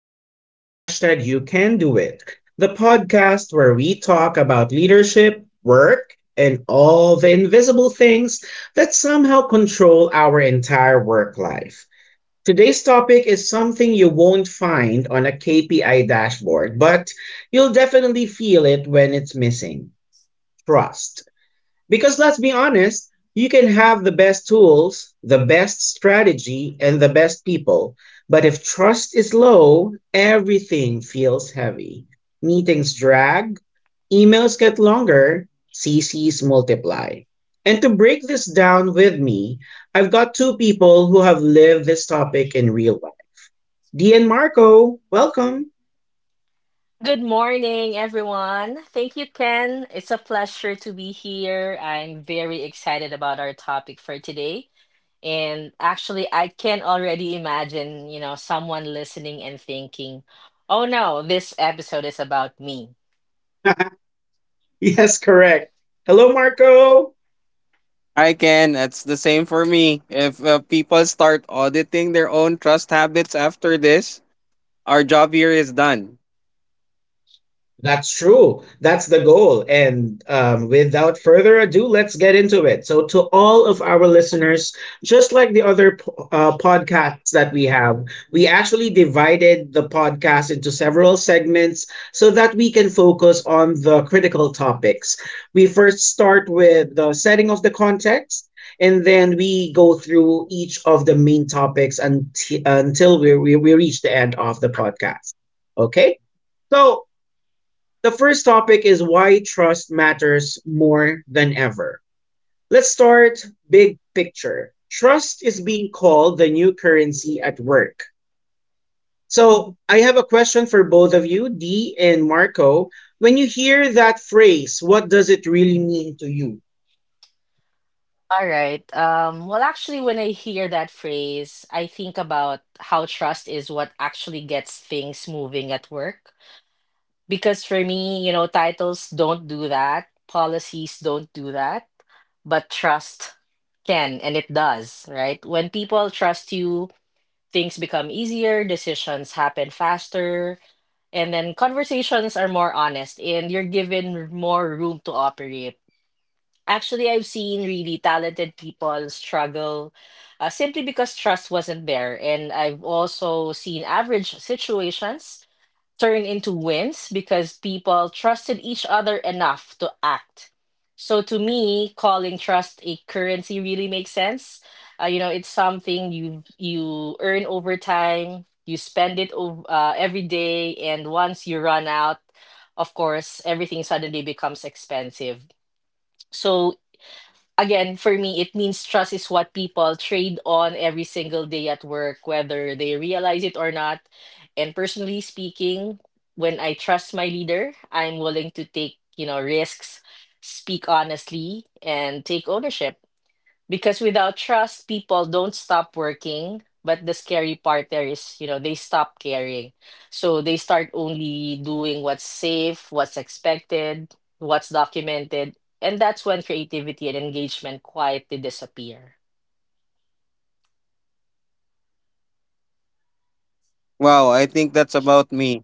back to hashtag You Can Do It, the podcast where we talk about leadership, work, and all the invisible things that somehow control our entire work life. Today's topic is something you won't find on a KPI dashboard, but you'll definitely feel it when it's missing trust. Because let's be honest, you can have the best tools, the best strategy, and the best people. But if trust is low, everything feels heavy. Meetings drag, emails get longer, CCs multiply. And to break this down with me, I've got two people who have lived this topic in real life. D and Marco, welcome. Here. I'm very excited about our topic for today. And actually, I can already imagine, someone listening and thinking, oh no, this episode is about me. Yes, correct. Hello, Marco. I can. That's the same for me. If people start auditing their own trust habits after this, our job here is done. That's true. That's the goal. And without further ado, let's get into it. So, to all of our listeners, just like the other podcasts that we have, we actually divided the podcast into several segments so that we can focus on the critical topics. We first start with the setting of the context, and then we go through each of the main topics until we reach the end of the podcast. Okay? So, the first topic is why trust matters more than ever. Let's start big picture. Trust is being called the new currency at work. So, I have a question for both of you, Dee and Marco. When you hear that phrase, what does it really mean to you? All right. When I hear that phrase, I think about how trust is what actually gets things moving at work. Because for me, titles don't do that, policies don't do that, but trust can and it does, right? When people trust you, things become easier, decisions happen faster, and then conversations are more honest and you're given more room to operate. Actually, I've seen really talented people struggle simply because trust wasn't there. And I've also seen average situations turn into wins because people trusted each other enough to act. So to me, calling trust a currency really makes sense. It's something you earn over time, you spend it every day, and once you run out, of course, everything suddenly becomes expensive. So again, for me, it means trust is what people trade on every single day at work, whether they realize it or not. And personally speaking, when I trust my leader, I'm willing to take, risks, speak honestly, and take ownership. Because without trust, people don't stop working. But the scary part there is, they stop caring. So they start only doing what's safe, what's expected, what's documented. And that's when creativity and engagement quietly disappear. Well, I think that's about me.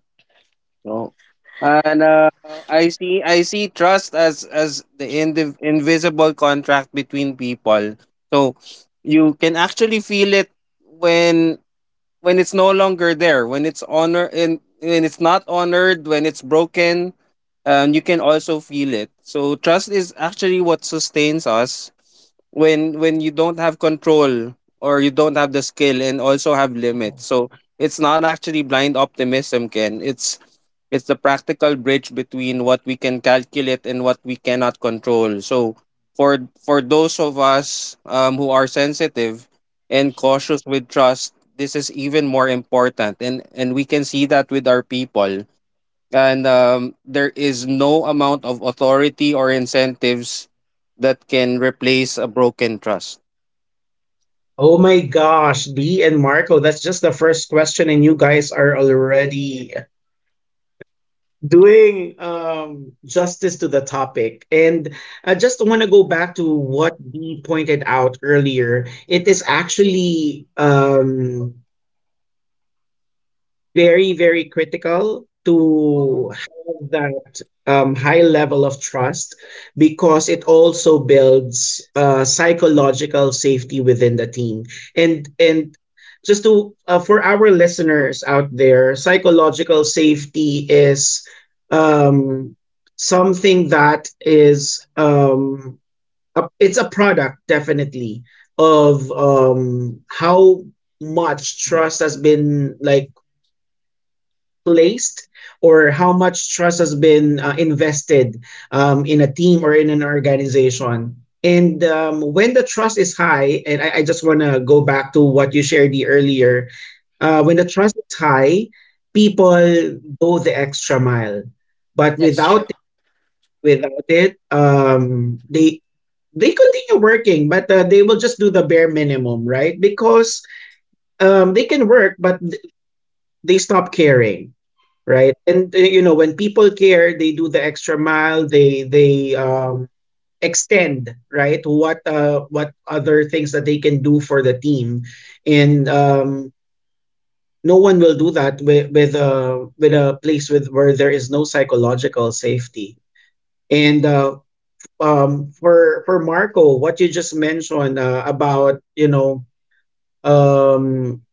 So, and I see trust as as the invisible contract between people. So you can actually feel it when when it's no longer there, when it's honor and when it's not honored, when it's broken, you can also feel it. So trust is actually what sustains us when you don't have control or you don't have the skill and also have limits. Mhm, So it's not actually blind optimism, Ken. It's the practical bridge between what we can calculate and what we cannot control. So for those of us who are sensitive and cautious with trust, this is even more important, and we can see that with our people, and there is no amount of authority or incentives that can replace a broken trust. Oh my gosh, Dee and Marco, that's just the first question, and you guys are already doing justice to the topic. And I just want to go back to what Dee pointed out earlier. It is actually very, very critical mhm. to have that high level of trust because it also builds psychological safety within the team. And just to for our listeners out there, psychological safety is um, something that is it's a product definitely of how much trust has been, like, placed or how much trust has been invested in a team or in an organization. And when the trust is high, and I just want to go back to what you shared the earlier, when the trust is high, people go the extra mile. But That's true. without it, they continue working, but they will just do the bare minimum, right? Because they can work, but they stop caring, right? And when people care, they do the extra mile, they extend, right? What what other things that they can do for the team. And no one will do that with a place with where there is no psychological safety. And for Marco, what you just mentioned about um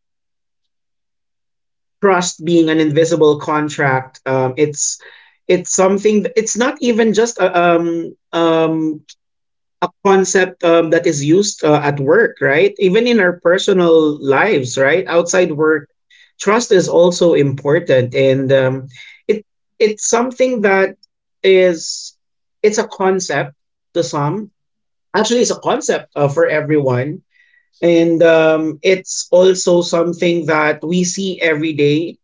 trust being an invisible contract, it's something, it's not even just a concept that is used at work, right? Even in our personal lives, right? Outside work, trust is also important. And it it's something that is, it's a concept to some, actually it's a concept for everyone. And it's also something that we see every day.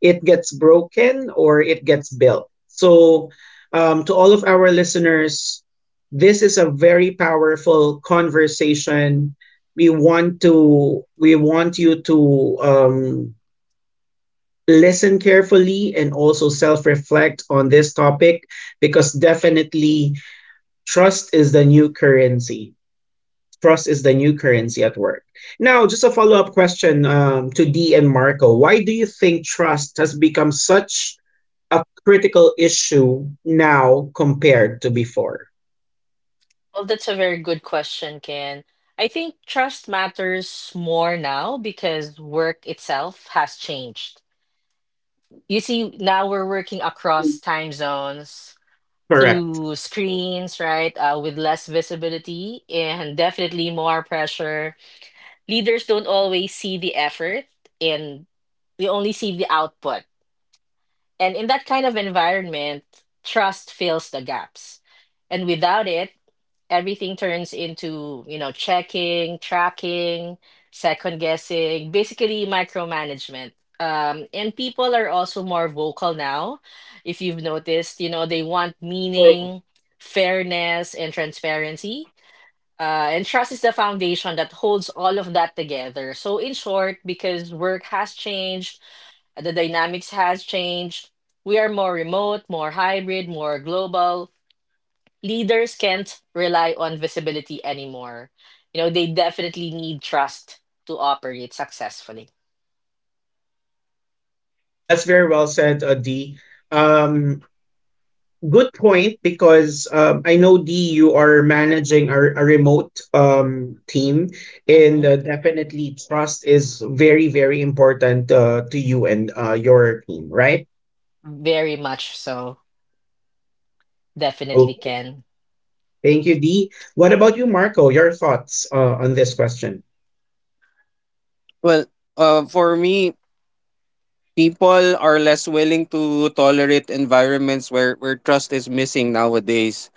It gets broken, or it gets built. So, to all of our listeners, this is a very powerful conversation. We want you to listen carefully and also self reflect on this topic because definitely trust is the new currency. Trust is the new currency at work. Now, just a follow up question to D and Marco. Why do you think trust has become such a critical issue now compared to before? Well, that's a very good question, Ken. I think trust matters more now because work itself has changed. You see, now we're working across time zones, Correct. through screens, right? With less visibility and definitely more pressure. Leaders don't always see the effort, and we only see the output. And in that kind of environment, trust fills the gaps. And without it, everything turns into, checking, tracking, second guessing, basically micromanagement. And people are also more vocal now. If you've noticed, they want True. meaning, fairness, and transparency. And trust is the foundation that holds all of that together. So, in short, because work has changed, the dynamics has changed, we are more remote, more hybrid, more global. Leaders can't rely on visibility anymore. You know, they definitely need trust to operate successfully. That's very well said, D. Um, Good point because I know D, you are managing a remote team, and Hmm. Definitely trust is very, very important to you and your team, right? Very much so. Definitely Okay. can. Thank you, D. What about you, Marco? Your thoughts on this question? Well, for me, people are less willing to tolerate environments where trust is missing nowadays.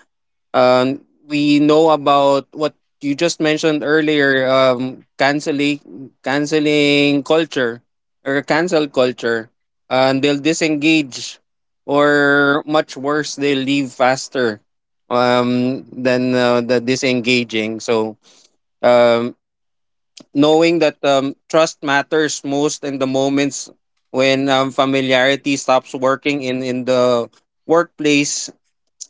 um, we know about what you just mentioned earlier, canceling canceling culture or cancel culture, and they'll disengage, or much worse, they leave faster than the disengaging. So um, knowing that trust matters most in the moments when familiarity stops working in the workplace,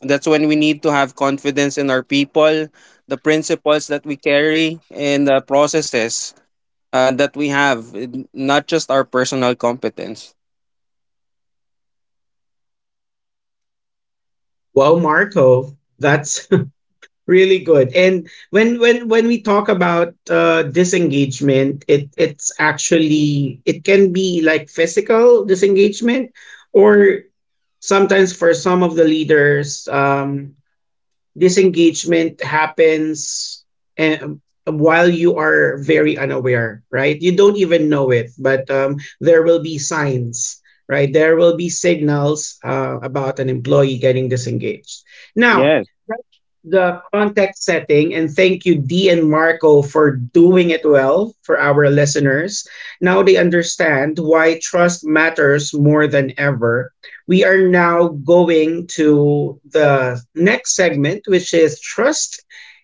that's when we need to have confidence in our people, the principles that we carry, and the processes that we have, not just our personal competence. Well, Marco, that's really good. And when we talk about disengagement, it's actually it can be, like, physical disengagement. Or sometimes, for some of the leaders, disengagement happens um, while you are very unaware, right? You don't even know it, but there will be signs, right? There will be signals about an employee getting disengaged. Now, Yes. that's the context setting, and thank you, Dee and Marco, for doing it well for our listeners. Now they understand why trust matters more than ever. We are now going to the next segment, which is trust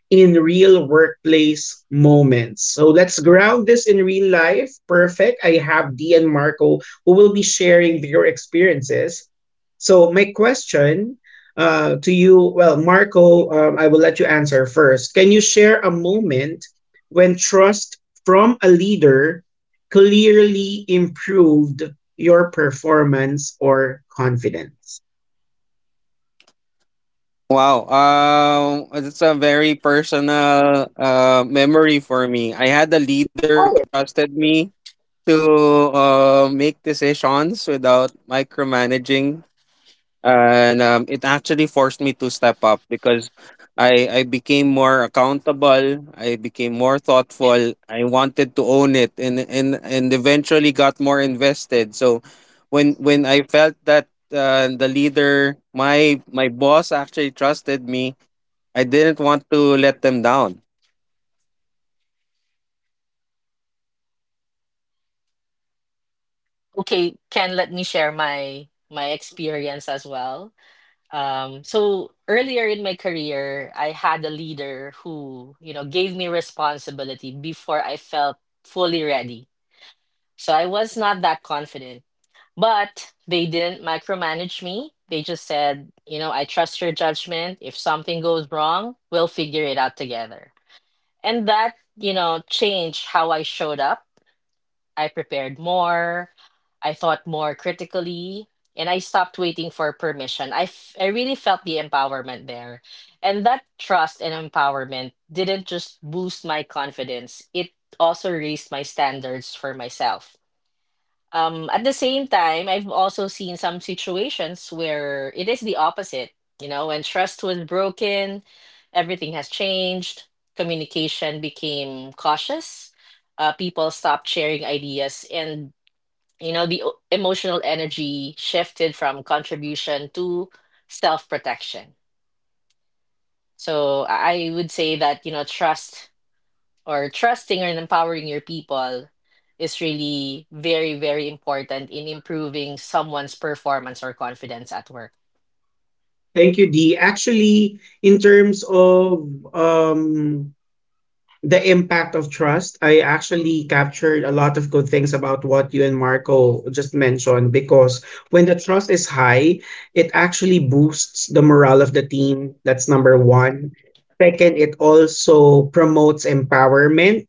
in real workplace moments. So let's ground this in real life. Perfect. I have Dee and Marco who will be sharing their experiences. So my question to you, well, Marco, I will let you answer first. Can you share a moment when trust from a leader clearly improved your performance or confidence? Wow, it's a very personal memory for me. I had a leader who trusted me to make decisions without micromanaging, and it actually forced me to step up because I became more accountable. I became more thoughtful. I wanted to own it, and eventually got more invested. So when I felt that the leader, my boss actually trusted me, I didn't want to let them down. Okay, Ken, let me share my experience as well. So earlier in my career, I had a leader who, gave me responsibility before I felt fully ready. So I was not that confident. But they didn't micromanage me. They just said, you know, I trust your judgment. If something goes wrong, we'll figure it out together. And that, you know, changed how I showed up. I prepared more. I thought more critically. And I stopped waiting for permission. I really felt the empowerment there. And that trust and empowerment didn't just boost my confidence, it also raised my standards for myself. At the same time, I've also seen some situations where it is the opposite. You know, when trust was broken, everything has changed. Communication became cautious. People stopped sharing ideas, and you know, the emotional energy shifted from contribution to self-protection. So I would say that, you know, trust or trusting and empowering your people is really very, very important in improving someone's performance or confidence at work. Thank you, D. Actually, in terms of um, the impact of trust, I actually captured a lot of good things about what you and Marco just mentioned because when the trust is high, it actually boosts the morale of the team. That's number Hmm. one. Second, it also promotes empowerment.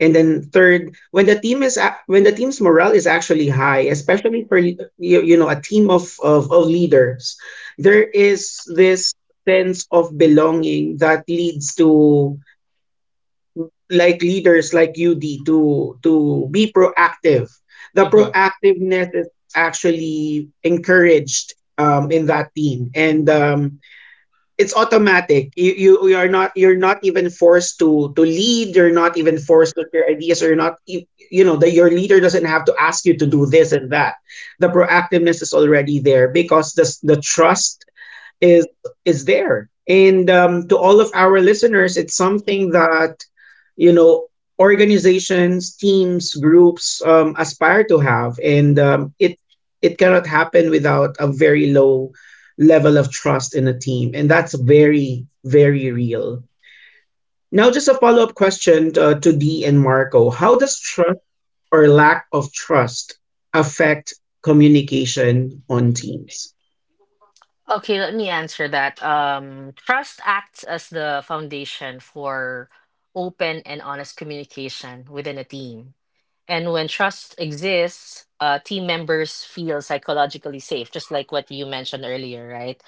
And then third, when the when the team's morale is actually high, especially for you, you know, a team of of leaders, there is this sense of belonging that leads to, like, leaders like UD to be proactive. The Hmm. proactiveness is actually encouraged in that team, and it's automatic. You are not even forced to lead. You're not even forced with your ideas. Or you're not, you, you know that your leader doesn't have to ask you to do this and that. The proactiveness is already there because the trust is is there. And to all of our listeners, it's something that you know organizations, teams, groups aspire to have, and it cannot happen without a very low level of trust in a team, and that's very, very real. Now, just a follow up question to Dee and Marco: How does trust or lack of trust affect communication on teams? Okay, let me answer that. Trust acts as the foundation for open and honest communication within a team. And when trust exists, team members feel psychologically safe, just like what you mentioned earlier, right?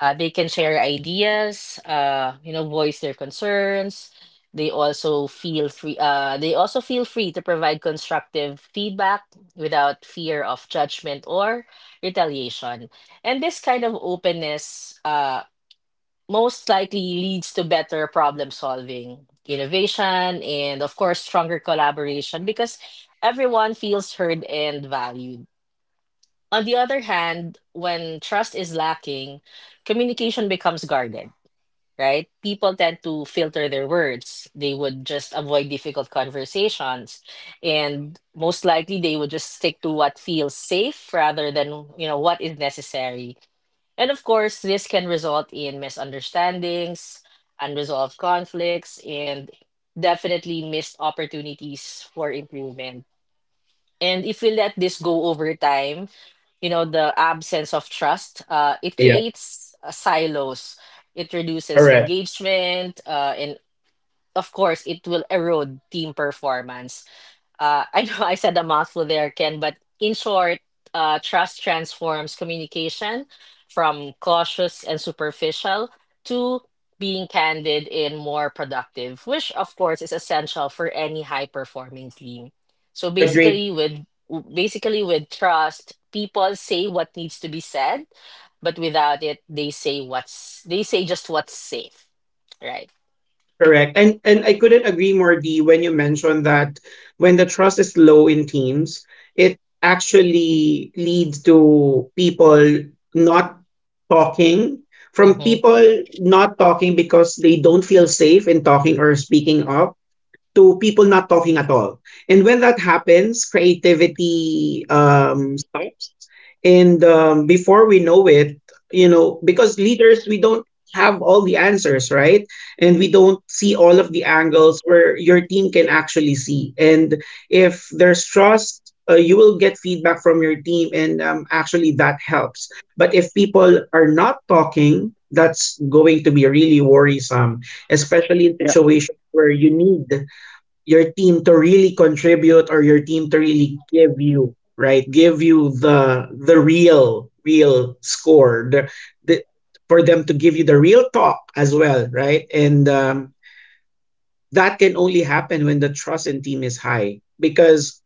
They can share ideas, voice their concerns. They also feel free to provide constructive feedback without fear of judgment or retaliation. And this kind of openness, most likely leads to better problem solving, innovation, and of course, stronger collaboration because everyone feels heard and valued. On the other hand, when trust is lacking, communication becomes guarded, right? People tend to filter their words. They would just avoid difficult conversations, and most likely they would just stick to what feels safe rather than, you know, what is necessary. And of course, this can result in misunderstandings, unresolved conflicts, and definitely missed opportunities for improvement. And if we let this go over time, you know, the absence of trust, it Yeah. creates silos. It All reduces right. engagement, and of course, it will erode team performance. I know I said a mouthful there, Ken, but in short, trust transforms communication from cautious and superficial to being candid and more productive, which of course is essential for any high performing team. So Agree. basically with Basically with trust, people say what needs to be said, but without it, they say just what's safe, right? Correct. And I couldn't agree more, Dee, when you mentioned that when the trust is low in teams, it actually leads to people not talking, from people not talking because they don't feel safe in talking or speaking up to people not talking at all. And when that happens, creativity stops. And before we know it, because leaders, we don't have all the answers, right? And we don't see all of the angles where your team can actually see. And if there's trust, you will get feedback from your team, and actually that helps. But if people are not talking, that's going to be really worrisome, especially in situations where you need your team to really contribute or your team to really give you, right, give you the real, real score, the for them to give you the real talk as well, right? And that can only happen when the trust in team is high because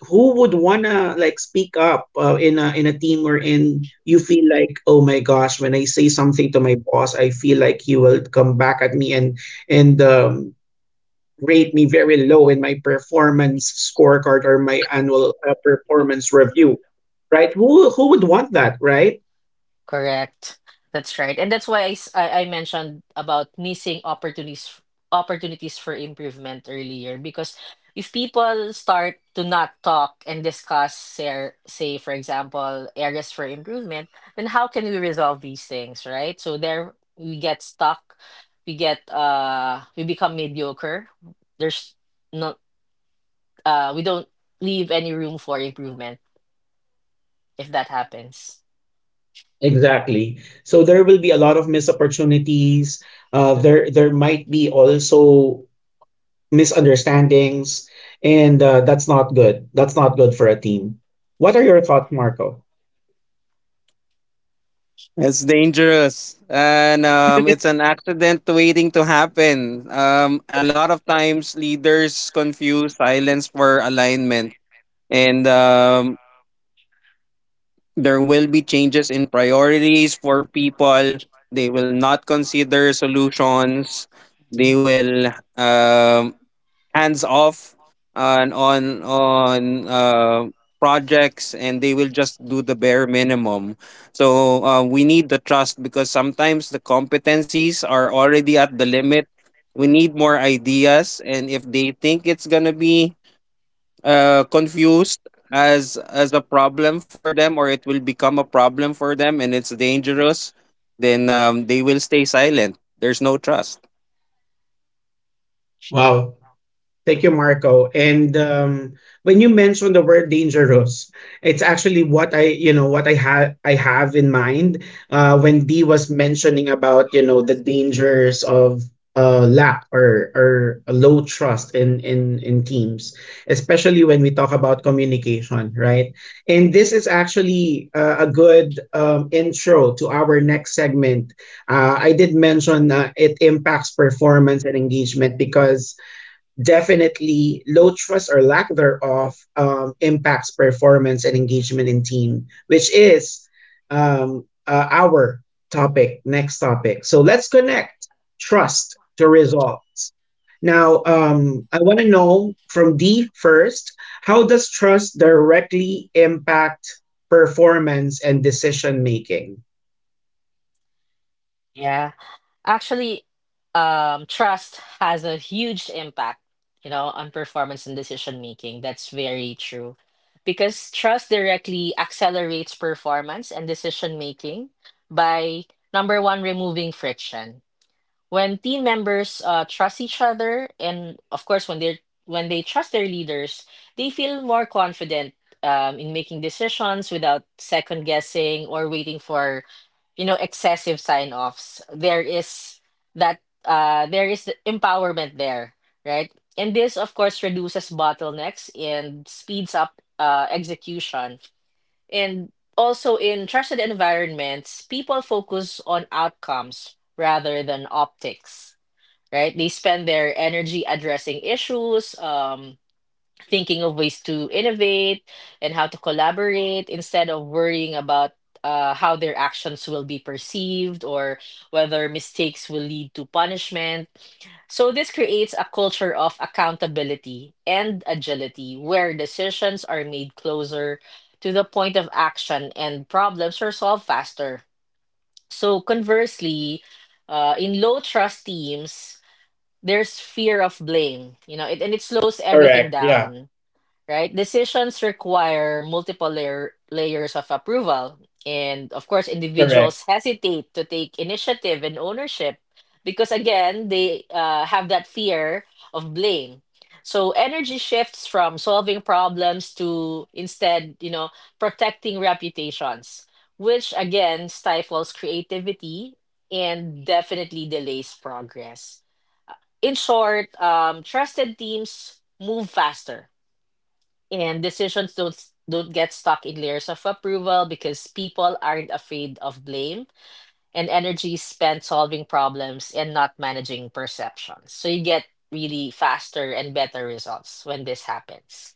who would wanna, like, speak up in a team, or in, you feel like, oh my gosh, when I say something to my boss, I feel like he will come back at me and rate me very low in my performance scorecard or my annual performance review, right? Who would want that, right? Correct. That's right. And that's why I mentioned about missing opportunities opportunities for improvement earlier because if people start to not talk and discuss their, say for example, areas for improvement, then how can we resolve these things, right? So there we get stuck, we get we become mediocre. There's not we don't leave any room for improvement if that happens. Exactly. So there will be a lot of missed opportunities. Uh, Hmm. there there might be also misunderstandings, and that's not good. That's not good for a team. What are your thoughts, Marco? It's dangerous, and it's an accident waiting to happen. A lot of times, leaders confuse silence for alignment, and there will be changes in priorities for people. They will not consider solutions. They Mhm. will hands off and on uh, projects, and they will just do the bare minimum. So we need the trust because sometimes the competencies are already at the limit. We need more ideas, and if they think it's going to be confused as a problem for them, or it will become a problem for them and it's dangerous, then they will stay silent. There's no trust. Wow. Thank you, Marco. And when you mentioned the word dangerous, it's actually what I, what I had, I have in mind when Dee was mentioning about, the dangers of lack or a low trust in teams, especially when we talk about communication, right? And this is actually a good intro to our next segment. I did mention it impacts performance and engagement because definitely low trust or lack thereof impacts performance and engagement in team, which is our topic, next topic. So let's connect trust to results. Now, I want to know from D first, how does trust directly impact performance and decision making? Yeah. Actually, trust has a huge impact, you know, on performance and decision making. That's very true. Because trust directly accelerates performance and decision making by, number one, removing friction. When team members trust each other, and of course, when they trust their leaders, they feel more confident in making decisions without second guessing or waiting for, you know, excessive sign-offs. That there is the empowerment there, right? And this of course reduces bottlenecks and speeds up execution. And also, in trusted environments, people focus on outcomes rather than optics, right? They spend their energy addressing issues, thinking of ways to innovate and how to collaborate, instead of worrying about how their actions will be perceived or whether mistakes will lead to punishment. So, this creates a culture of accountability and agility where decisions are made closer to the point of action and problems are solved faster. So, conversely, in low trust teams, there's fear of blame, you know, and it slows everything Correct. Yeah. down, right? Decisions require multiple layers of approval. And of course, Correct. individuals hesitate to take initiative and ownership because, again, they have that fear of blame. So energy shifts from solving problems to, instead, you know, protecting reputations, which again stifles creativity and definitely delays progress. In short, trusted teams move faster and decisions don't get stuck in layers of approval because people aren't afraid of blame, and energy is spent solving problems and not managing perceptions, so you get really faster and better results when this happens.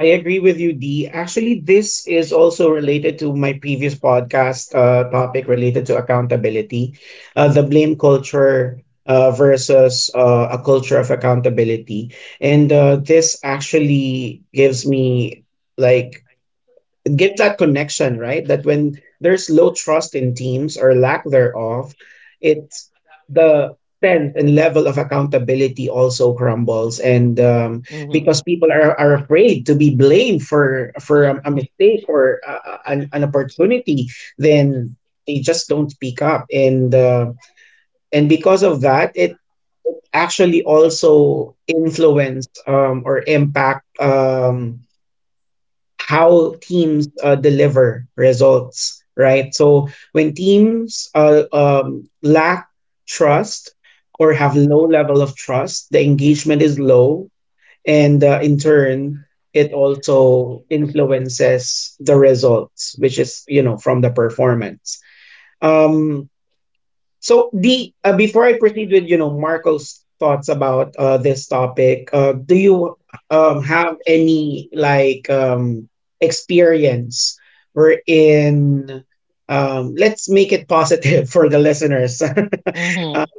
I agree with you, Dee. Actually, this is also related to my previous podcast topic related to accountability, the blame culture versus a culture of accountability. And this actually gives me, like, give that connection, right? That when there's low trust in teams or lack thereof, it's the sense and level of accountability also crumbles, and Hmm. because people are, afraid to be blamed for a, mistake or a, an opportunity, then they just don't speak up, and because of that, it actually also influence or impact. How teams deliver results, right? So when teams lack trust or have low level of trust, the engagement is low, and in turn, it also influences the results, which is you know from the performance. Um, so the before I proceed with you know Marco's thoughts about this topic, do you have any experience wherein let's make it positive for the listeners, Hmm.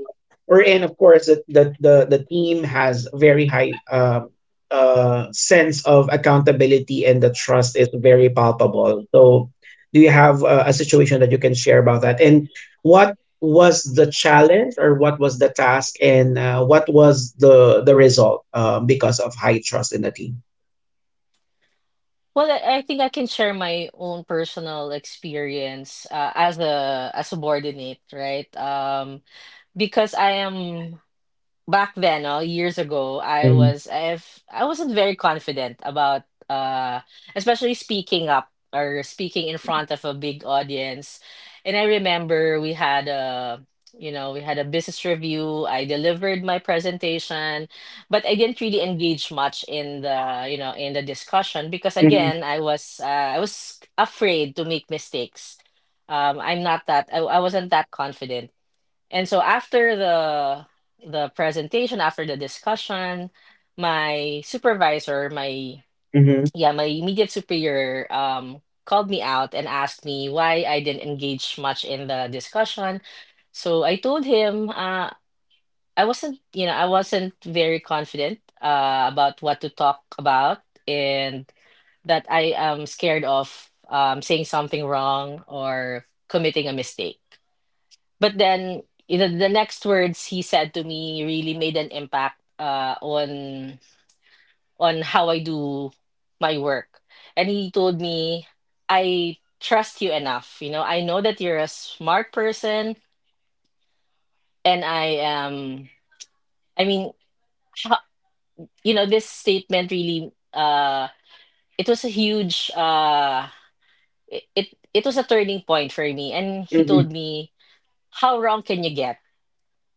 or and of course that the team has very high sense of accountability and the trust is very palpable. So do you have a situation that you can share about that? And what was the challenge or what was the task and what was the result because of high trust in the team? Well, I think I can share my own personal experience as a subordinate, right? Because I am Back then, oh, years ago, I Mhm, was if I wasn't very confident about uh especially speaking up or speaking in front of a big audience. And I remember we had a you know, we had a business review. I delivered my presentation, but I didn't really engage much in the, you know, in the discussion because mhm, again, I was afraid to make mistakes. I wasn't that confident. And so after the presentation, after the discussion, my supervisor, my mhm, yeah, my immediate superior called me out and asked me why I didn't engage much in the discussion. So I told him I wasn't, you know, I wasn't very confident about what to talk about, and that I am scared of saying something wrong or committing a mistake. But then, you know, the next words he said to me really made an impact on how I do my work. And he told me, "I trust you enough. You know, I know that you're a smart person, and I am. I mean, how, you know, this statement really. It was a huge. Uh, it it it was a turning point for me. And he mhm. told me, "How wrong can you get?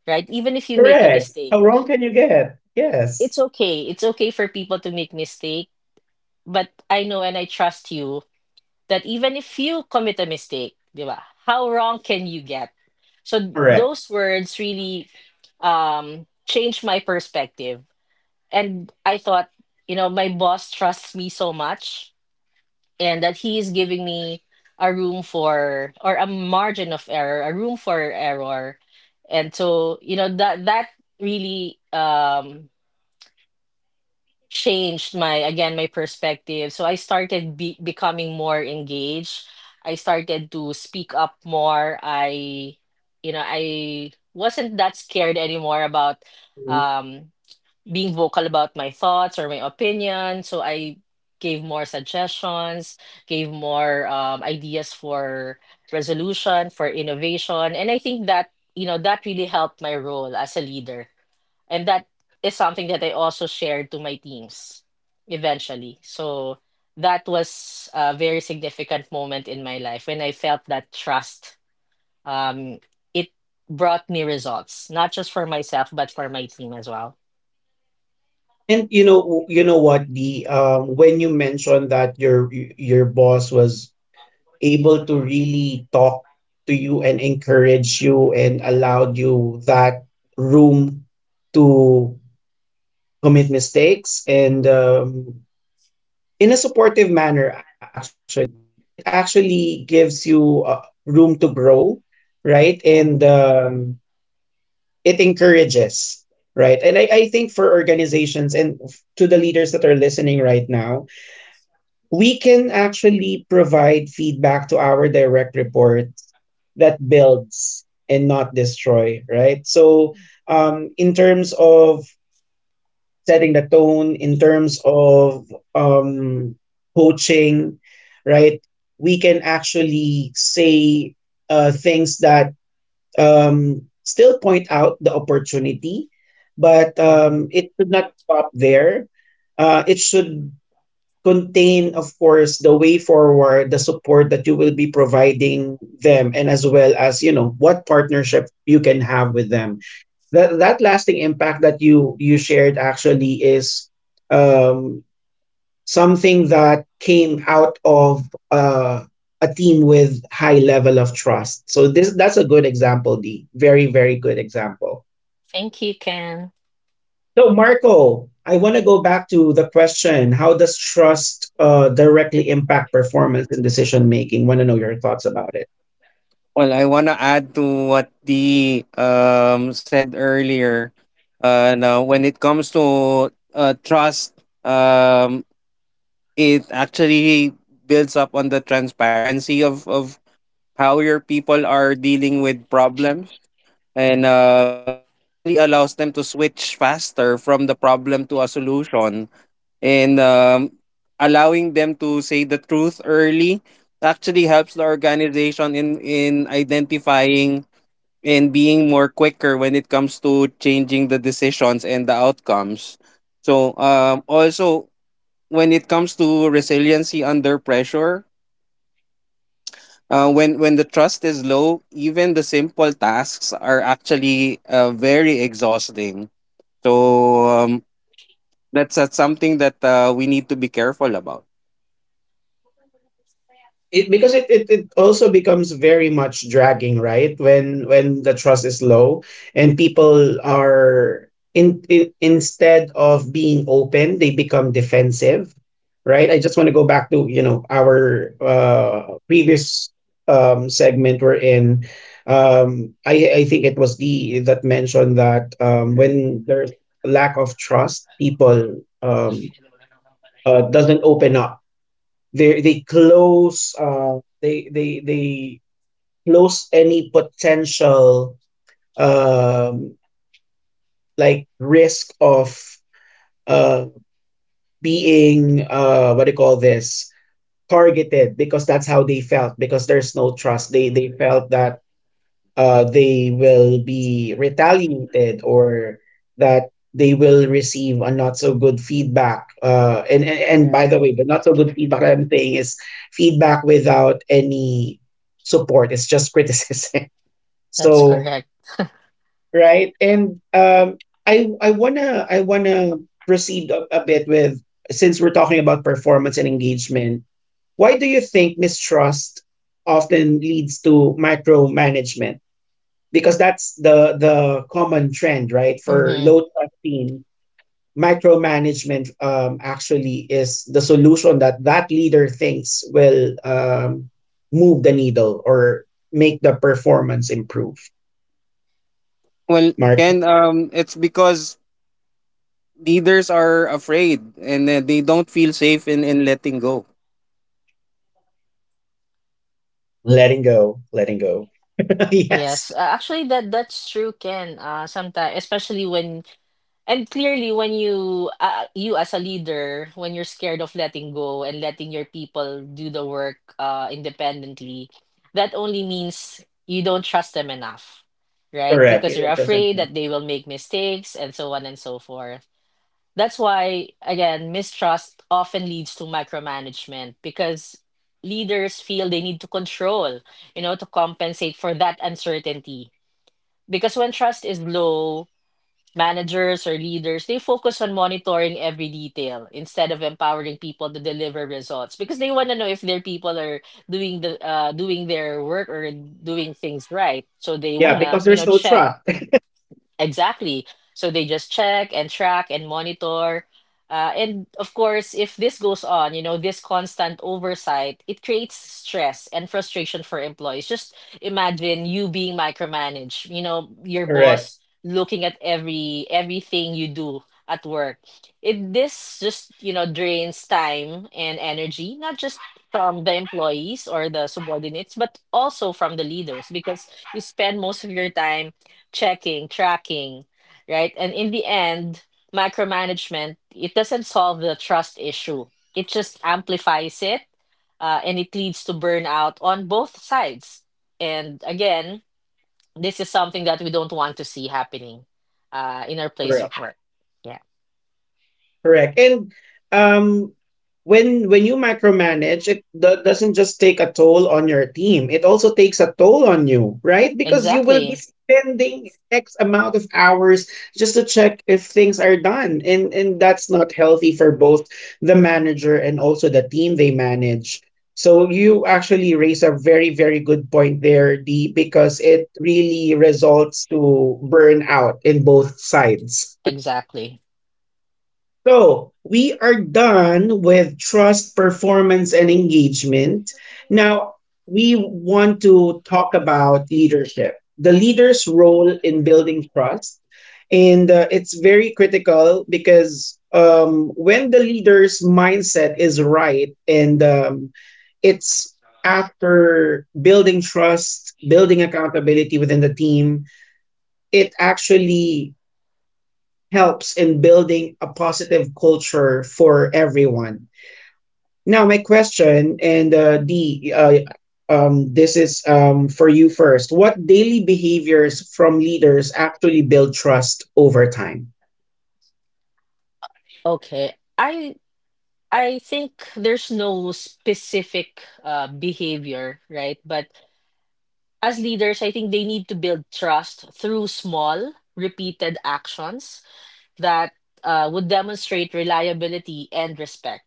Right? Even if you make a Correct. mistake." How wrong can you get? Yes. It's okay. It's okay for people to make mistake, but I know and I trust you that even if you commit a mistake, di ba, how wrong can you get? So Correct. those words really changed my perspective. And I thought, you know, my boss trusts me so much and that he is giving me a room for, or a margin of error, a room for error. And so, you know, that really changed my, again, my perspective, so I started be becoming more engaged. I started to speak up more. I you know i wasn't that scared anymore about Mhm. um being vocal about my thoughts or my opinion, so I gave more suggestions, gave more ideas for resolution, for innovation. And I think that, you know, that really helped my role as a leader, and that is something that I also shared to my teams eventually. So that was a very significant moment in my life when I felt that trust. Um, it brought me results, not just for myself but for my team as well. And you know what the when you mentioned that your boss was able to really talk to you and encourage you and allowed you that room to commit mistakes and in a supportive manner actually it actually gives you room to grow right and Mhm, it encourages right and I think for organizations and to the leaders that are listening right now we can actually provide feedback to our direct reports that builds and not destroy, right? So, in terms of setting the tone, in terms of um, coaching, right, we can actually say things that still point out the opportunity, but mhm. It should not stop there. It should contain, of course, the way forward, the support that you will be providing them, and as well as you know what partnership you can have with them. That lasting impact that you shared actually is um, something that came out of a team with high level of trust. So this that's a good example, D. Very very good example. Thank you, Ken. So, Marco, I want to go back to the question. How does trust directly impact performance and decision making? Want to know your thoughts about it. Well, I want to add to what Dee said earlier. Now, when it comes to trust, it actually builds up on the transparency of how your people are dealing with problems. And it actually allows them to switch faster from the problem to a solution. And allowing them to say the truth early actually helps the organization in identifying and being more quicker when it comes to changing the decisions and the outcomes. So also, when it comes to resiliency under pressure, when the trust is low, even the simple tasks are actually very exhausting. So that's something that we need to be careful about. It because it also becomes very much dragging right when the trust is low and people are in instead of being open they become defensive right I just want to go back to you know our previous segment we're in um I think it was the that mentioned that when there's lack of trust people doesn't open up they close they close any potential um like risk of uh being what do you call this targeted because that's how they felt because there's no trust they felt that they will be retaliated or that they will receive a not so good feedback. And, and Correct. by the way, the not so good feedback that I'm saying is feedback without any support. It's just criticism. That's So correct. right, and um, I wanna I wanna proceed a, bit with since we're talking about performance and engagement. Why do you think mistrust often leads to micromanagement? Because that's the common trend, right? For Hmm. low trust team, micromanagement actually is the solution that that leader thinks will move the needle or make the performance improve. Well, Mark, Ken, it's because leaders are afraid, and they don't feel safe in letting go. letting go, letting go. Yes, Yes, actually, that that's true, Ken. Sometimes, especially when And clearly, when you you as a leader, when you're scared of letting go and letting your people do the work independently, that only means you don't trust them enough, right? correct. Because You you're don't trust afraid anyone. that they will make mistakes and so on and so forth. That's why, again, mistrust often leads to micromanagement because leaders feel they need to control, you know, to compensate for that uncertainty. Because when trust is low, managers or leaders, they focus on monitoring every detail instead of empowering people to deliver results, because they want to know if their people are doing their work or doing things right. So they Yeah, wanna, because you know, there's no check. trust. Exactly. So they just check and track and monitor. And of course, if this goes on, you know, this constant oversight, it creates stress and frustration for employees. Just imagine you being micromanaged, you know, your Correct. boss looking at everything you do at work. It this just, you know, drains time and energy, not just from the employees or the subordinates, but also from the leaders, because you spend most of your time checking, tracking, right? And in the end, micromanagement, it doesn't solve the trust issue. It just amplifies it, and it leads to burnout on both sides. And again, this is something that we don't want to see happening in our place of Correct. work. Yeah, Correct. And um, when you micromanage, it doesn't just take a toll on your team. It also takes a toll on you, right? Because you will be exactly, spending X amount of hours just to check if things are done, and that's not healthy for both the manager and also the team they manage. So you actually raise a very very good point there, D, because it really results to burnout in both sides. exactly. So we are done with trust, performance, and engagement. Now we want to talk about leadership, the leader's role in building trust. And it's very critical because when the leader's mindset is right and it's after building trust, building accountability within the team, it actually helps in building a positive culture for everyone. Now, my question, and D, this is for you first. What daily behaviors from leaders actually build trust over time? Okay, I think there's no specific behavior, right? But as leaders, I think they need to build trust through small, repeated actions that would demonstrate reliability and respect.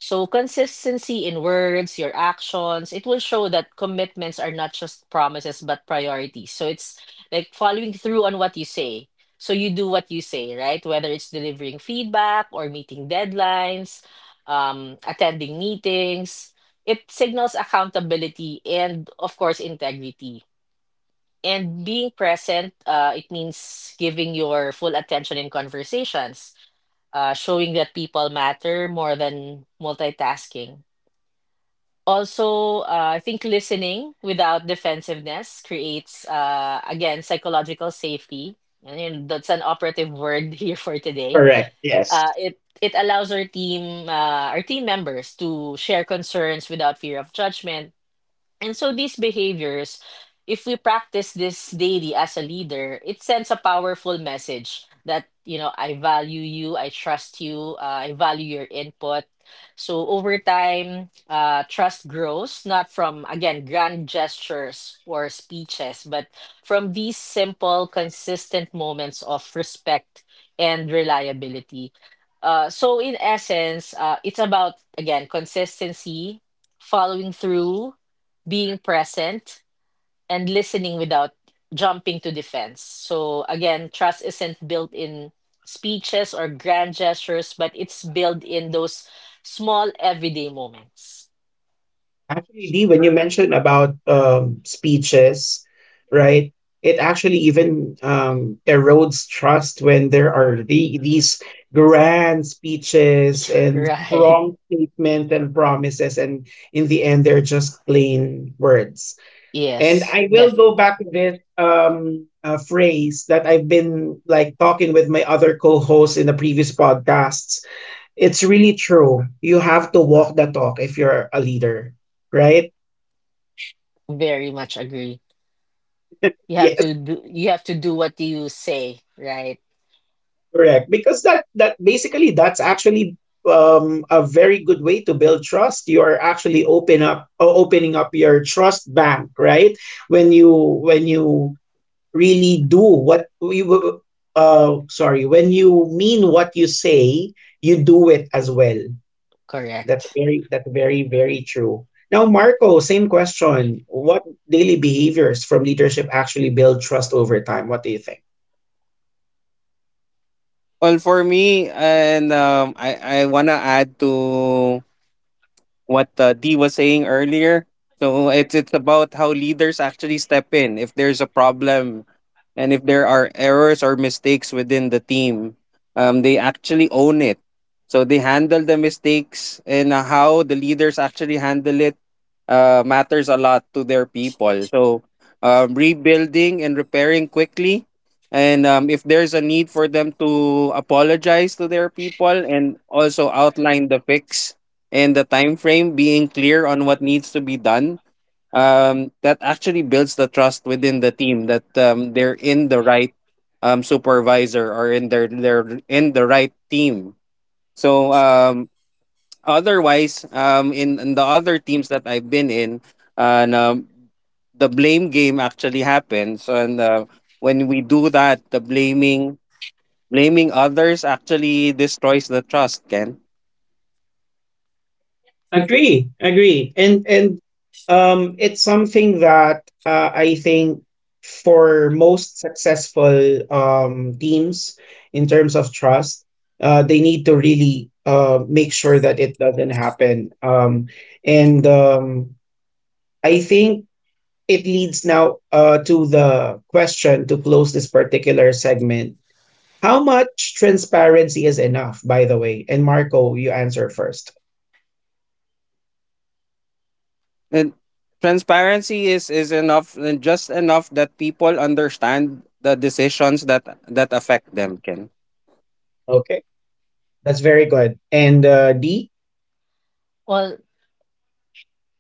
So, consistency in words, your actions, it will show that commitments are not just promises but priorities. So, it's like following through on what you say. So, you do what you say, right? Whether it's delivering feedback or meeting deadlines, attending meetings, it signals accountability and, of course, integrity. And being present, it means giving your full attention in conversations, showing that people matter more than multitasking. Also, I think listening without defensiveness creates, again, psychological safety. And then that's an operative word here for today. Correct. Yes. It allows our team members, to share concerns without fear of judgment. And so these behaviors, if we practice this daily as a leader, it sends a powerful message that, you know, I value you, I trust you, I value your input. So over time, trust grows, not from, again, grand gestures or speeches, but from these simple, consistent moments of respect and reliability. So in essence, it's about, again, consistency, following through, being present, and listening without jumping to defense. So again, trust isn't built in speeches or grand gestures, but it's built in those small everyday moments. Actually, Dee, when you mentioned about speeches, right, it actually even erodes trust when there are the, these grand speeches and Right. strong statements and promises, and in the end, they're just plain words. And Yes, I will go back definitely. to this phrase that I've been like talking with my other co-hosts in the previous podcasts. It's really true. You have to walk the talk if you're a leader right? Very much agree. You have Yes, to do you have to do what you say, right? correct. Because that that basically that's actually a very good way to build trust. You are actually open up opening up your trust bank, right? When you when you really do what you sorry, when you mean what you say, you do it as well. Correct. That's very very true. Now, Marco, same question. What daily behaviors from leadership actually build trust over time? What do you think? Well, for me, and um, I wanna add to what D was saying earlier. So it's about how leaders actually step in if there's a problem, and if there are errors or mistakes within the team, they actually own it. So they handle the mistakes, and how the leaders actually handle it matters a lot to their people. So rebuilding and repairing quickly. And if there's a need for them to apologize to their people and also outline the fix, and the time frame, being clear on what needs to be done, that actually builds the trust within the team, that they're in the right supervisor, or in their they're in the right team. So otherwise, in the other teams that I've been in, and the blame game actually happens. And when we do that, the blaming others actually destroys the trust, Ken. Agree, agree, and it's something that I think for most successful teams in terms of trust, they need to really make sure that it doesn't happen. And I think it leads now to the question to close this particular segment. How much transparency is enough, by the way? And Marco, you answer first. And transparency is enough, and just enough that people understand the decisions that affect them, can That's very good. And D? Well,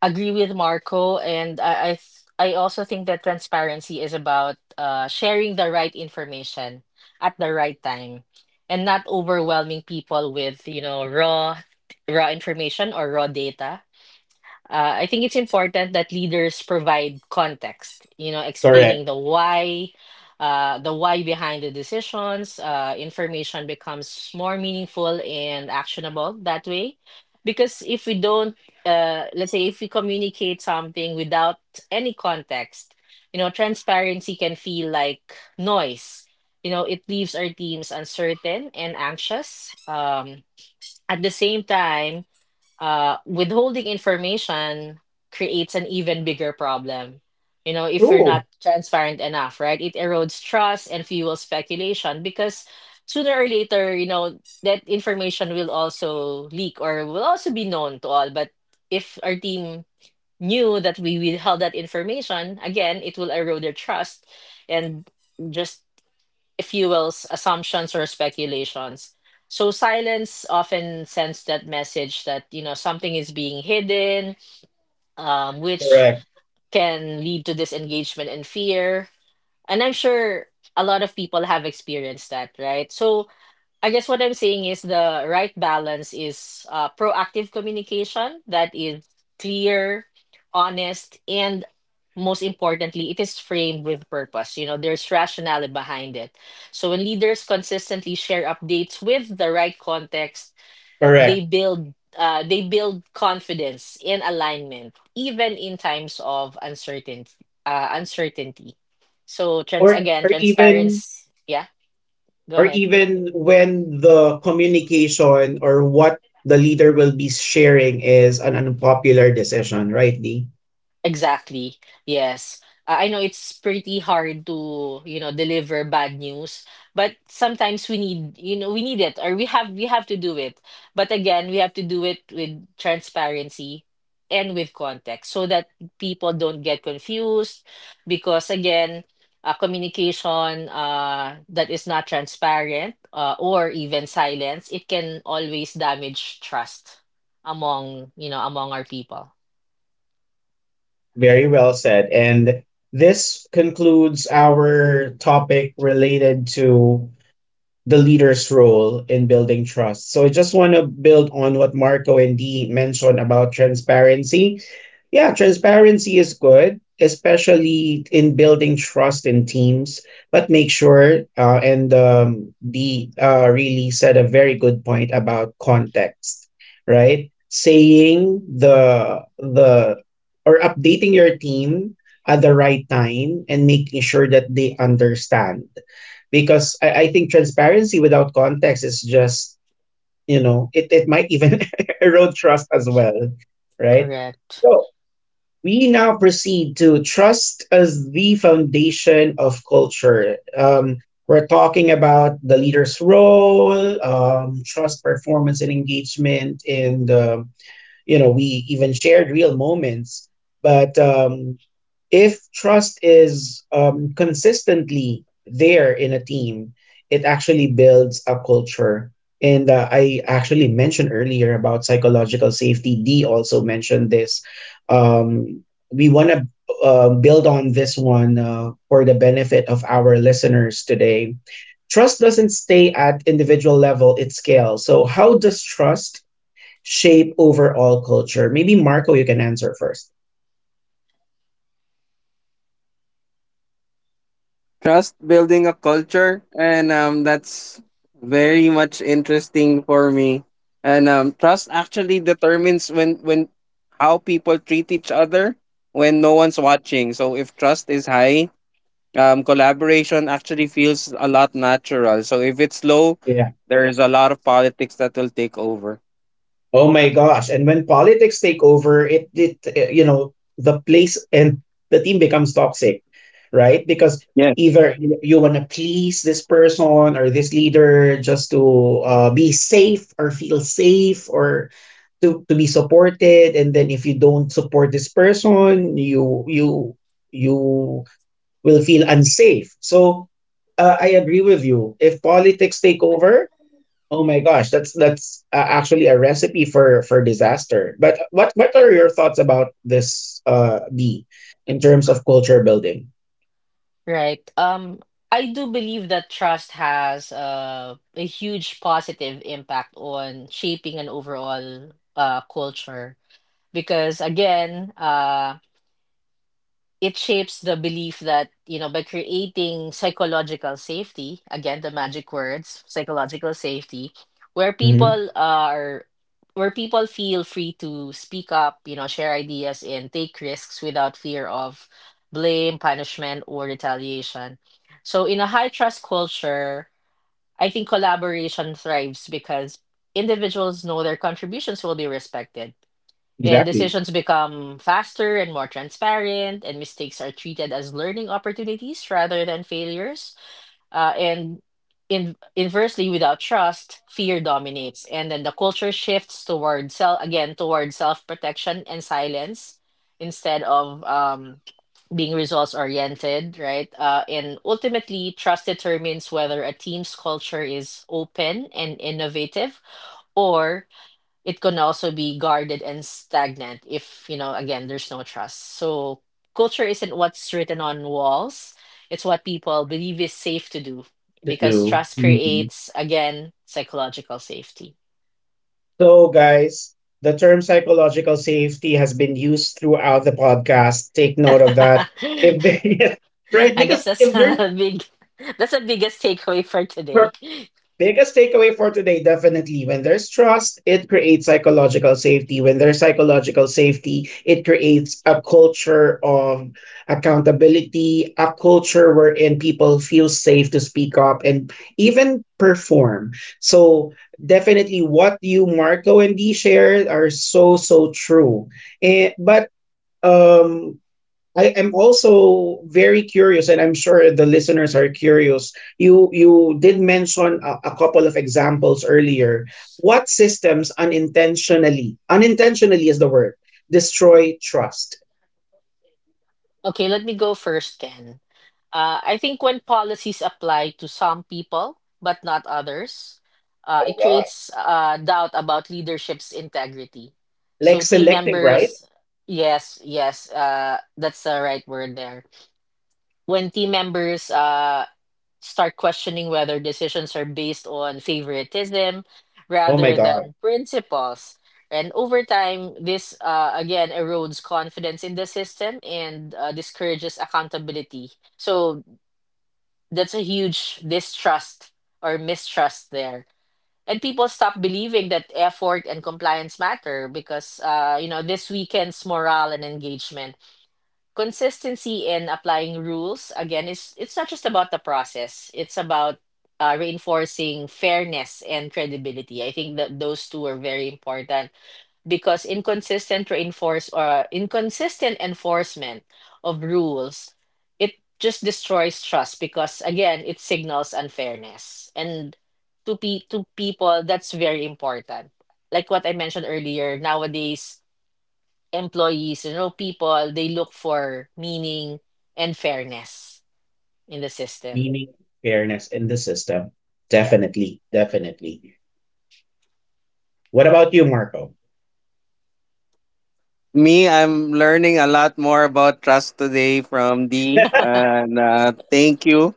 agree with Marco, and I also think that transparency is about sharing the right information at the right time, and not overwhelming people with, you know, raw information or raw data. I think it's important that leaders provide context, you know, Correct. explaining the why behind the decisions. Information becomes more meaningful and actionable that way. Because if we don't, let's say, if we communicate something without any context, you know, transparency can feel like noise. You know, it leaves our teams uncertain and anxious. At the same time, withholding information creates an even bigger problem. You know, if you're True. not transparent enough, right? It erodes trust and fuels speculation, because sooner or later, you know, that information will also leak or will also be known to all. But if our team knew that we withheld that information, again, it will erode their trust and just fuels assumptions or speculations. So silence often sends that message that, you know, something is being hidden, which Correct. can lead to disengagement and fear. And I'm sure a lot of people have experienced that, right? So I guess what I'm saying is the right balance is proactive communication that is clear, honest, and most importantly, it is framed with purpose. You know, there's rationale behind it. So when leaders consistently share updates with the right context, they Correct. build uh, they build confidence in alignment, even in times of uncertainty. Uh, uncertainty. So trans Or again, or even transparency. Yeah, go or ahead. even when the communication or what the leader will be sharing is an unpopular decision, right, D? Exactly. Yes. I know it's pretty hard to, you know, deliver bad news, but sometimes we need, you know, we need it, or we have to do it. But again, we have to do it with transparency and with context, so that people don't get confused, because again, communication that is not transparent, or even silence, it can always damage trust among, you know, among our people. Very well said. And this concludes our topic related to the leader's role in building trust. So I just want to build on what Marco and Dee mentioned about transparency. Yeah, transparency is good, especially in building trust in teams. But make sure, and Dee really said a very good point about context, right? Saying the or updating your team at the right time and making sure that they understand because I think transparency without context is just you know it, it might even erode trust as well right Correct. so we now proceed to trust as the foundation of culture we're talking about the leader's role trust performance and engagement in the you know we even shared real moments but if trust is consistently there in a team it actually builds a culture and I actually mentioned earlier about psychological safety Dee also mentioned this um we want to build on this one for the benefit of our listeners today trust doesn't stay at individual level it scales so how does trust shape overall culture? Maybe Marco, you can answer first. trust building a culture, and that's very much interesting for me. And trust actually determines when how people treat each other when no one's watching. So if trust is high, collaboration actually feels a lot natural. So if it's low, Yeah. there is a lot of politics that will take over. Oh my gosh! And when politics take over, it you know the place and the team becomes toxic, right? Because either you, know, you want to please this person or this leader just to be safe or feel safe or to be supported, and then if you don't support this person, you you will feel unsafe. So I agree with you. If politics take over, oh my gosh, that's actually a recipe for disaster. But what are your thoughts about this D in terms of culture building? Right. I do believe that trust has a huge positive impact on shaping an overall culture, because again, it shapes the belief that, you know, by creating psychological safety, again, the magic words, psychological safety, where Hmm. people uh, are, where people feel free to speak up, you know, share ideas and take risks without fear of blame, punishment, or retaliation. So in a high trust culture, I think collaboration thrives because individuals know their contributions will be respected, and Exactly. decisions become faster and more transparent, and mistakes are treated as learning opportunities rather than failures. And inversely, without trust, fear dominates, and then the culture shifts toward self again toward self protection and silence instead of, being results oriented, right? And ultimately, trust determines whether a team's culture is open and innovative, or it can also be guarded and stagnant if, you know, again, there's no trust. So culture isn't what's written on walls, it's what people believe is safe to do, To because do. trust Mhm. creates, again, psychological safety. So, guys, the term psychological safety has been used throughout the podcast. Take note of that. If they, right, I guess because that's if they're a big that's the biggest takeaway for today. biggest takeaway for today definitely when there's trust, it creates psychological safety. When there's psychological safety, it creates a culture of accountability, a culture wherein people feel safe to speak up and even perform. So, definitely what you, Marco, and Dee shared are so, so true. But um I am also very curious, and I'm sure the listeners are curious. You did mention a, couple of examples earlier. What systems unintentionally, unintentionally is the word, destroy trust? Okay, let me go first, Ken. I think when policies apply to some people but not others, Oh it God. creates doubt about leadership's integrity. Like So team selective, right? members, yes, yes, that's the right word there. When team members, start questioning whether decisions are based on favoritism Oh my rather God. than principles, and over time, this again erodes confidence in the system and discourages accountability. So that's a huge distrust or mistrust there. And people stop believing that effort and compliance matter because, you know, this weekend's morale and engagement, consistency in applying rules, again, is, it's not just about the process. It's about reinforcing fairness and credibility. I think that those two are very important, because inconsistent reinforce or inconsistent enforcement of rules, it just destroys trust, because again, it signals unfairness and to people. That's very important. Like what I mentioned earlier, nowadays, employees, you know, people, they look for meaning and fairness in the system. Meaning fairness in the system. Yeah. Definitely, definitely. What about you, Marco? Me, I'm learning a lot more about trust today from D, and thank you.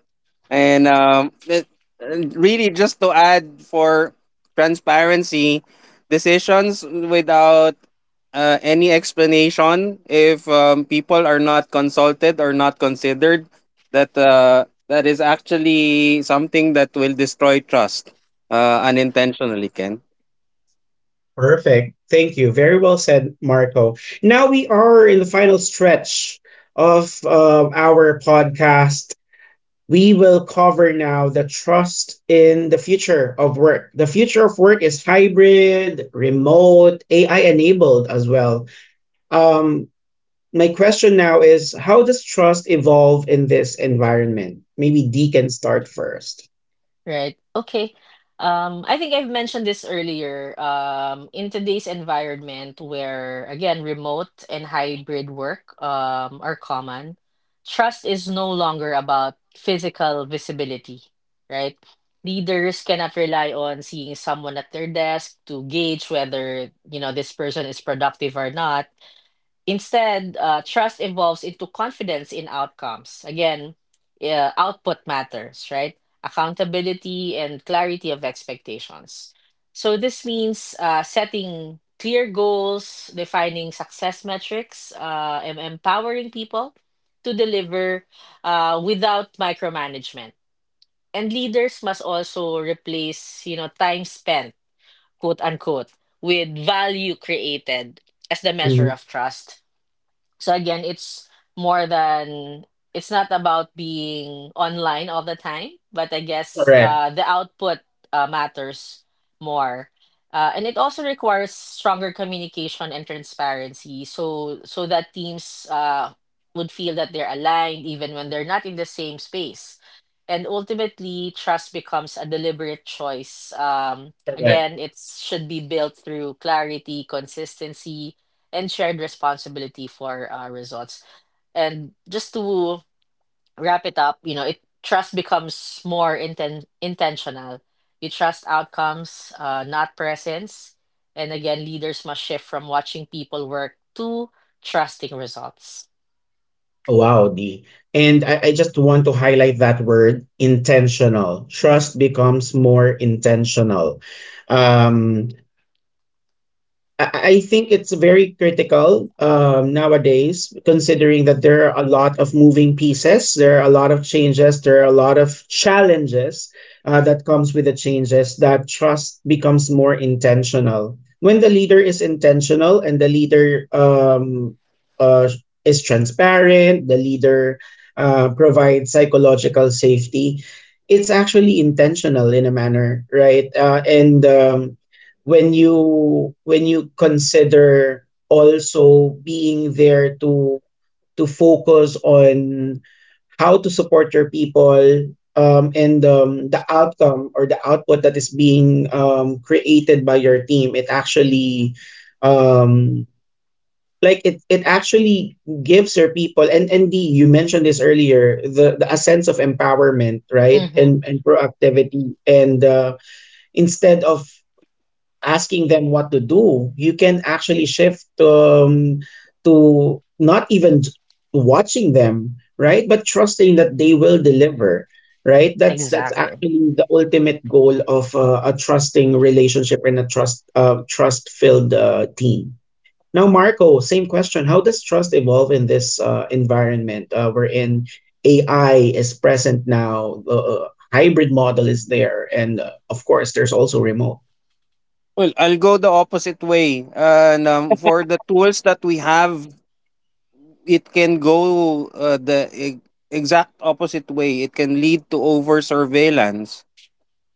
And and really, just to add for transparency, decisions without any explanation, if people are not consulted or not considered, that is actually something that will destroy trust unintentionally, Ken. Perfect. Thank you. Very well said, Marco. Now we are in the final stretch of our podcast. We will cover now the trust in the future of work. The future of work is hybrid, remote, AI enabled as well. Um, my question now is how does trust evolve in this environment? Maybe D can start 1st. Right. Okay. I think I've mentioned this earlier. In today's environment where, again, remote and hybrid work are common, trust is no longer about physical visibility, right? Leaders cannot rely on seeing someone at their desk to gauge whether, you know, this person is productive or not. Instead, trust evolves into confidence in outcomes. Again, output matters, right? Accountability and clarity of expectations. So this means setting clear goals, defining success metrics, and empowering people to deliver without micromanagement. And leaders must also replace, you know, time spent, quote unquote, with value created as the measure Mhm. of trust. So again, it's more than it's not about being online all the time, but I guess Correct. The output matters more. And it also requires stronger communication and transparency, so that teams would feel that they're aligned even when they're not in the same space. And ultimately, trust becomes a deliberate choice. Correct. Again, it should be built through clarity, consistency, and shared responsibility for results. And just to wrap it up, you know, it trust becomes more intentional. You trust outcomes, not presence. And again, leaders must shift from watching people work to trusting results. Oh, wow, D. And I just want to highlight that word intentional. Trust becomes more intentional. Um, I think it's very critical nowadays, considering that there are a lot of moving pieces, there are a lot of changes, there are a lot of challenges that comes with the changes. That trust becomes more intentional when the leader is intentional and the leader uh, is transparent. The leader provides psychological safety. It's actually intentional in a manner, right? And when you consider also being there to focus on how to support your people and the outcome or the output that is being created by your team it actually um, like it actually gives your people and the you mentioned this earlier the a sense of empowerment right Hmm. And proactivity and instead of asking them what to do. You can actually shift to not even to watching them, right? But trusting that they will deliver, right? That's Exactly. actually the ultimate goal of a trusting relationship and a trust trust filled team. Now, Marco, same question. How does trust evolve in this environment wherein AI is present now, the hybrid model is there, and of course, there's also remote? Well, I'll go the opposite way. And for the tools that we have, it can go the exact opposite way. It can lead to over surveillance.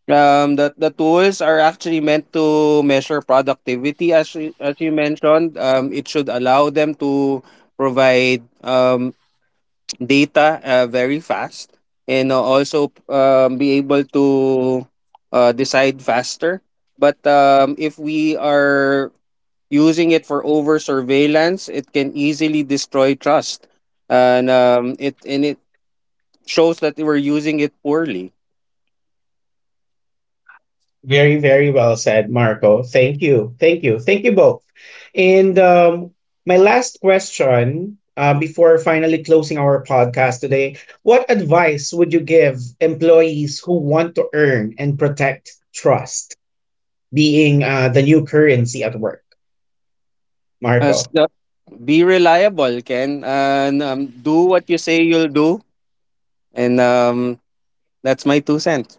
That the tools are actually meant to measure productivity, as you mentioned. It should allow them to provide data very fast, and also be able to decide faster. But if we are using it for over surveillance, it can easily destroy trust, and it shows that we're using it poorly. Very, very well said, Marco. Thank you. Thank you. Thank you both. And my last question before finally closing our podcast today what advice would you give employees who want to earn and protect trust being the new currency at work? As Marco. the- be reliable, Ken, and do what you say you'll do, and that's my 2 cents.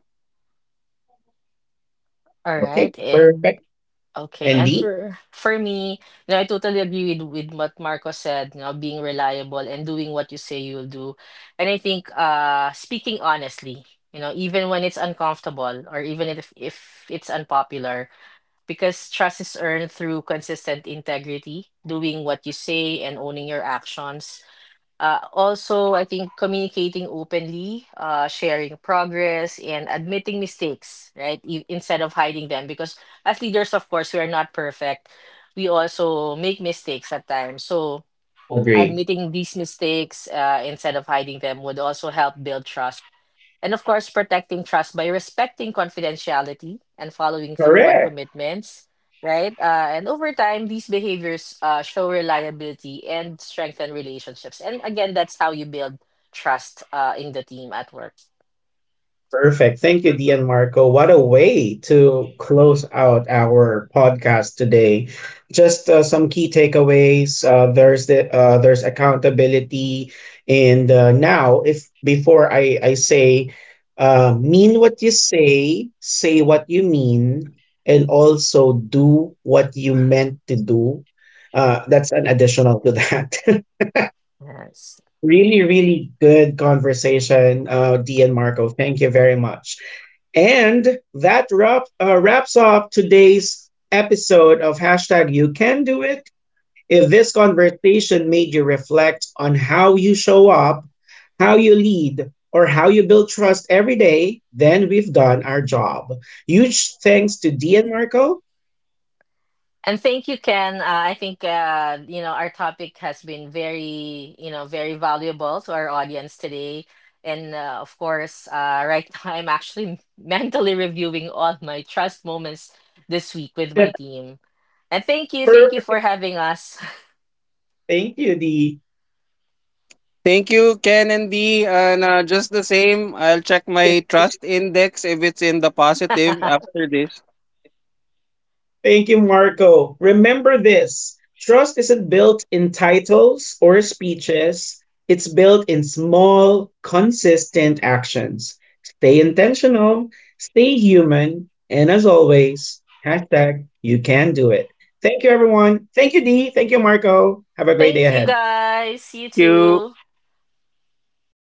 All Okay, right. perfect. And okay, Andy? and for me, you know, I totally agree with what Marco said, you know, being reliable and doing what you say you'll do. And I think speaking honestly, you know, even when it's uncomfortable, or even if it's unpopular, because trust is earned through consistent integrity, doing what you say and owning your actions. Also, I think communicating openly, sharing progress, and admitting mistakes, right? Instead of hiding them, because as leaders, of course, we are not perfect. We also make mistakes at times. So Agree. admitting these mistakes, instead of hiding them, would also help build trust. And of course, protecting trust by respecting confidentiality and following through on Correct. commitments, right? And over time, these behaviors show reliability and strengthen relationships. And again, that's how you build trust in the team at work. Perfect. Thank you, Dian Marco. What a way to close out our podcast today. Just some key takeaways. There's accountability, and now if before I say, mean what you say, say what you mean, and also do what you meant to do. That's an additional to that. Yes. Really, really good conversation, Dian Marco. Thank you very much. And that wrap, wraps up today's episode of hashtag you can do it. If this conversation made you reflect on how you show up, how you lead, or how you build trust every day, then we've done our job. Huge thanks to D and Marco. And thank you, Ken. I think you know, our topic has been very, you know, very valuable to our audience today. And of course, right now I'm actually mentally reviewing all my trust moments this week with my team. And thank you for Perfect. having us. Thank you, Dee. Thank you, Ken and Dee. And just the same, I'll check my trust index if it's in the positive after this. Thank you, Marco. Remember this trust isn't built in titles or speeches, it's built in small, consistent actions. Stay intentional, stay human, and as always, hashtag you can do it. Thank you, everyone. Thank you, Dee. Thank you, Marco. Have a great day Thank you, ahead. guys. You Thank you. too.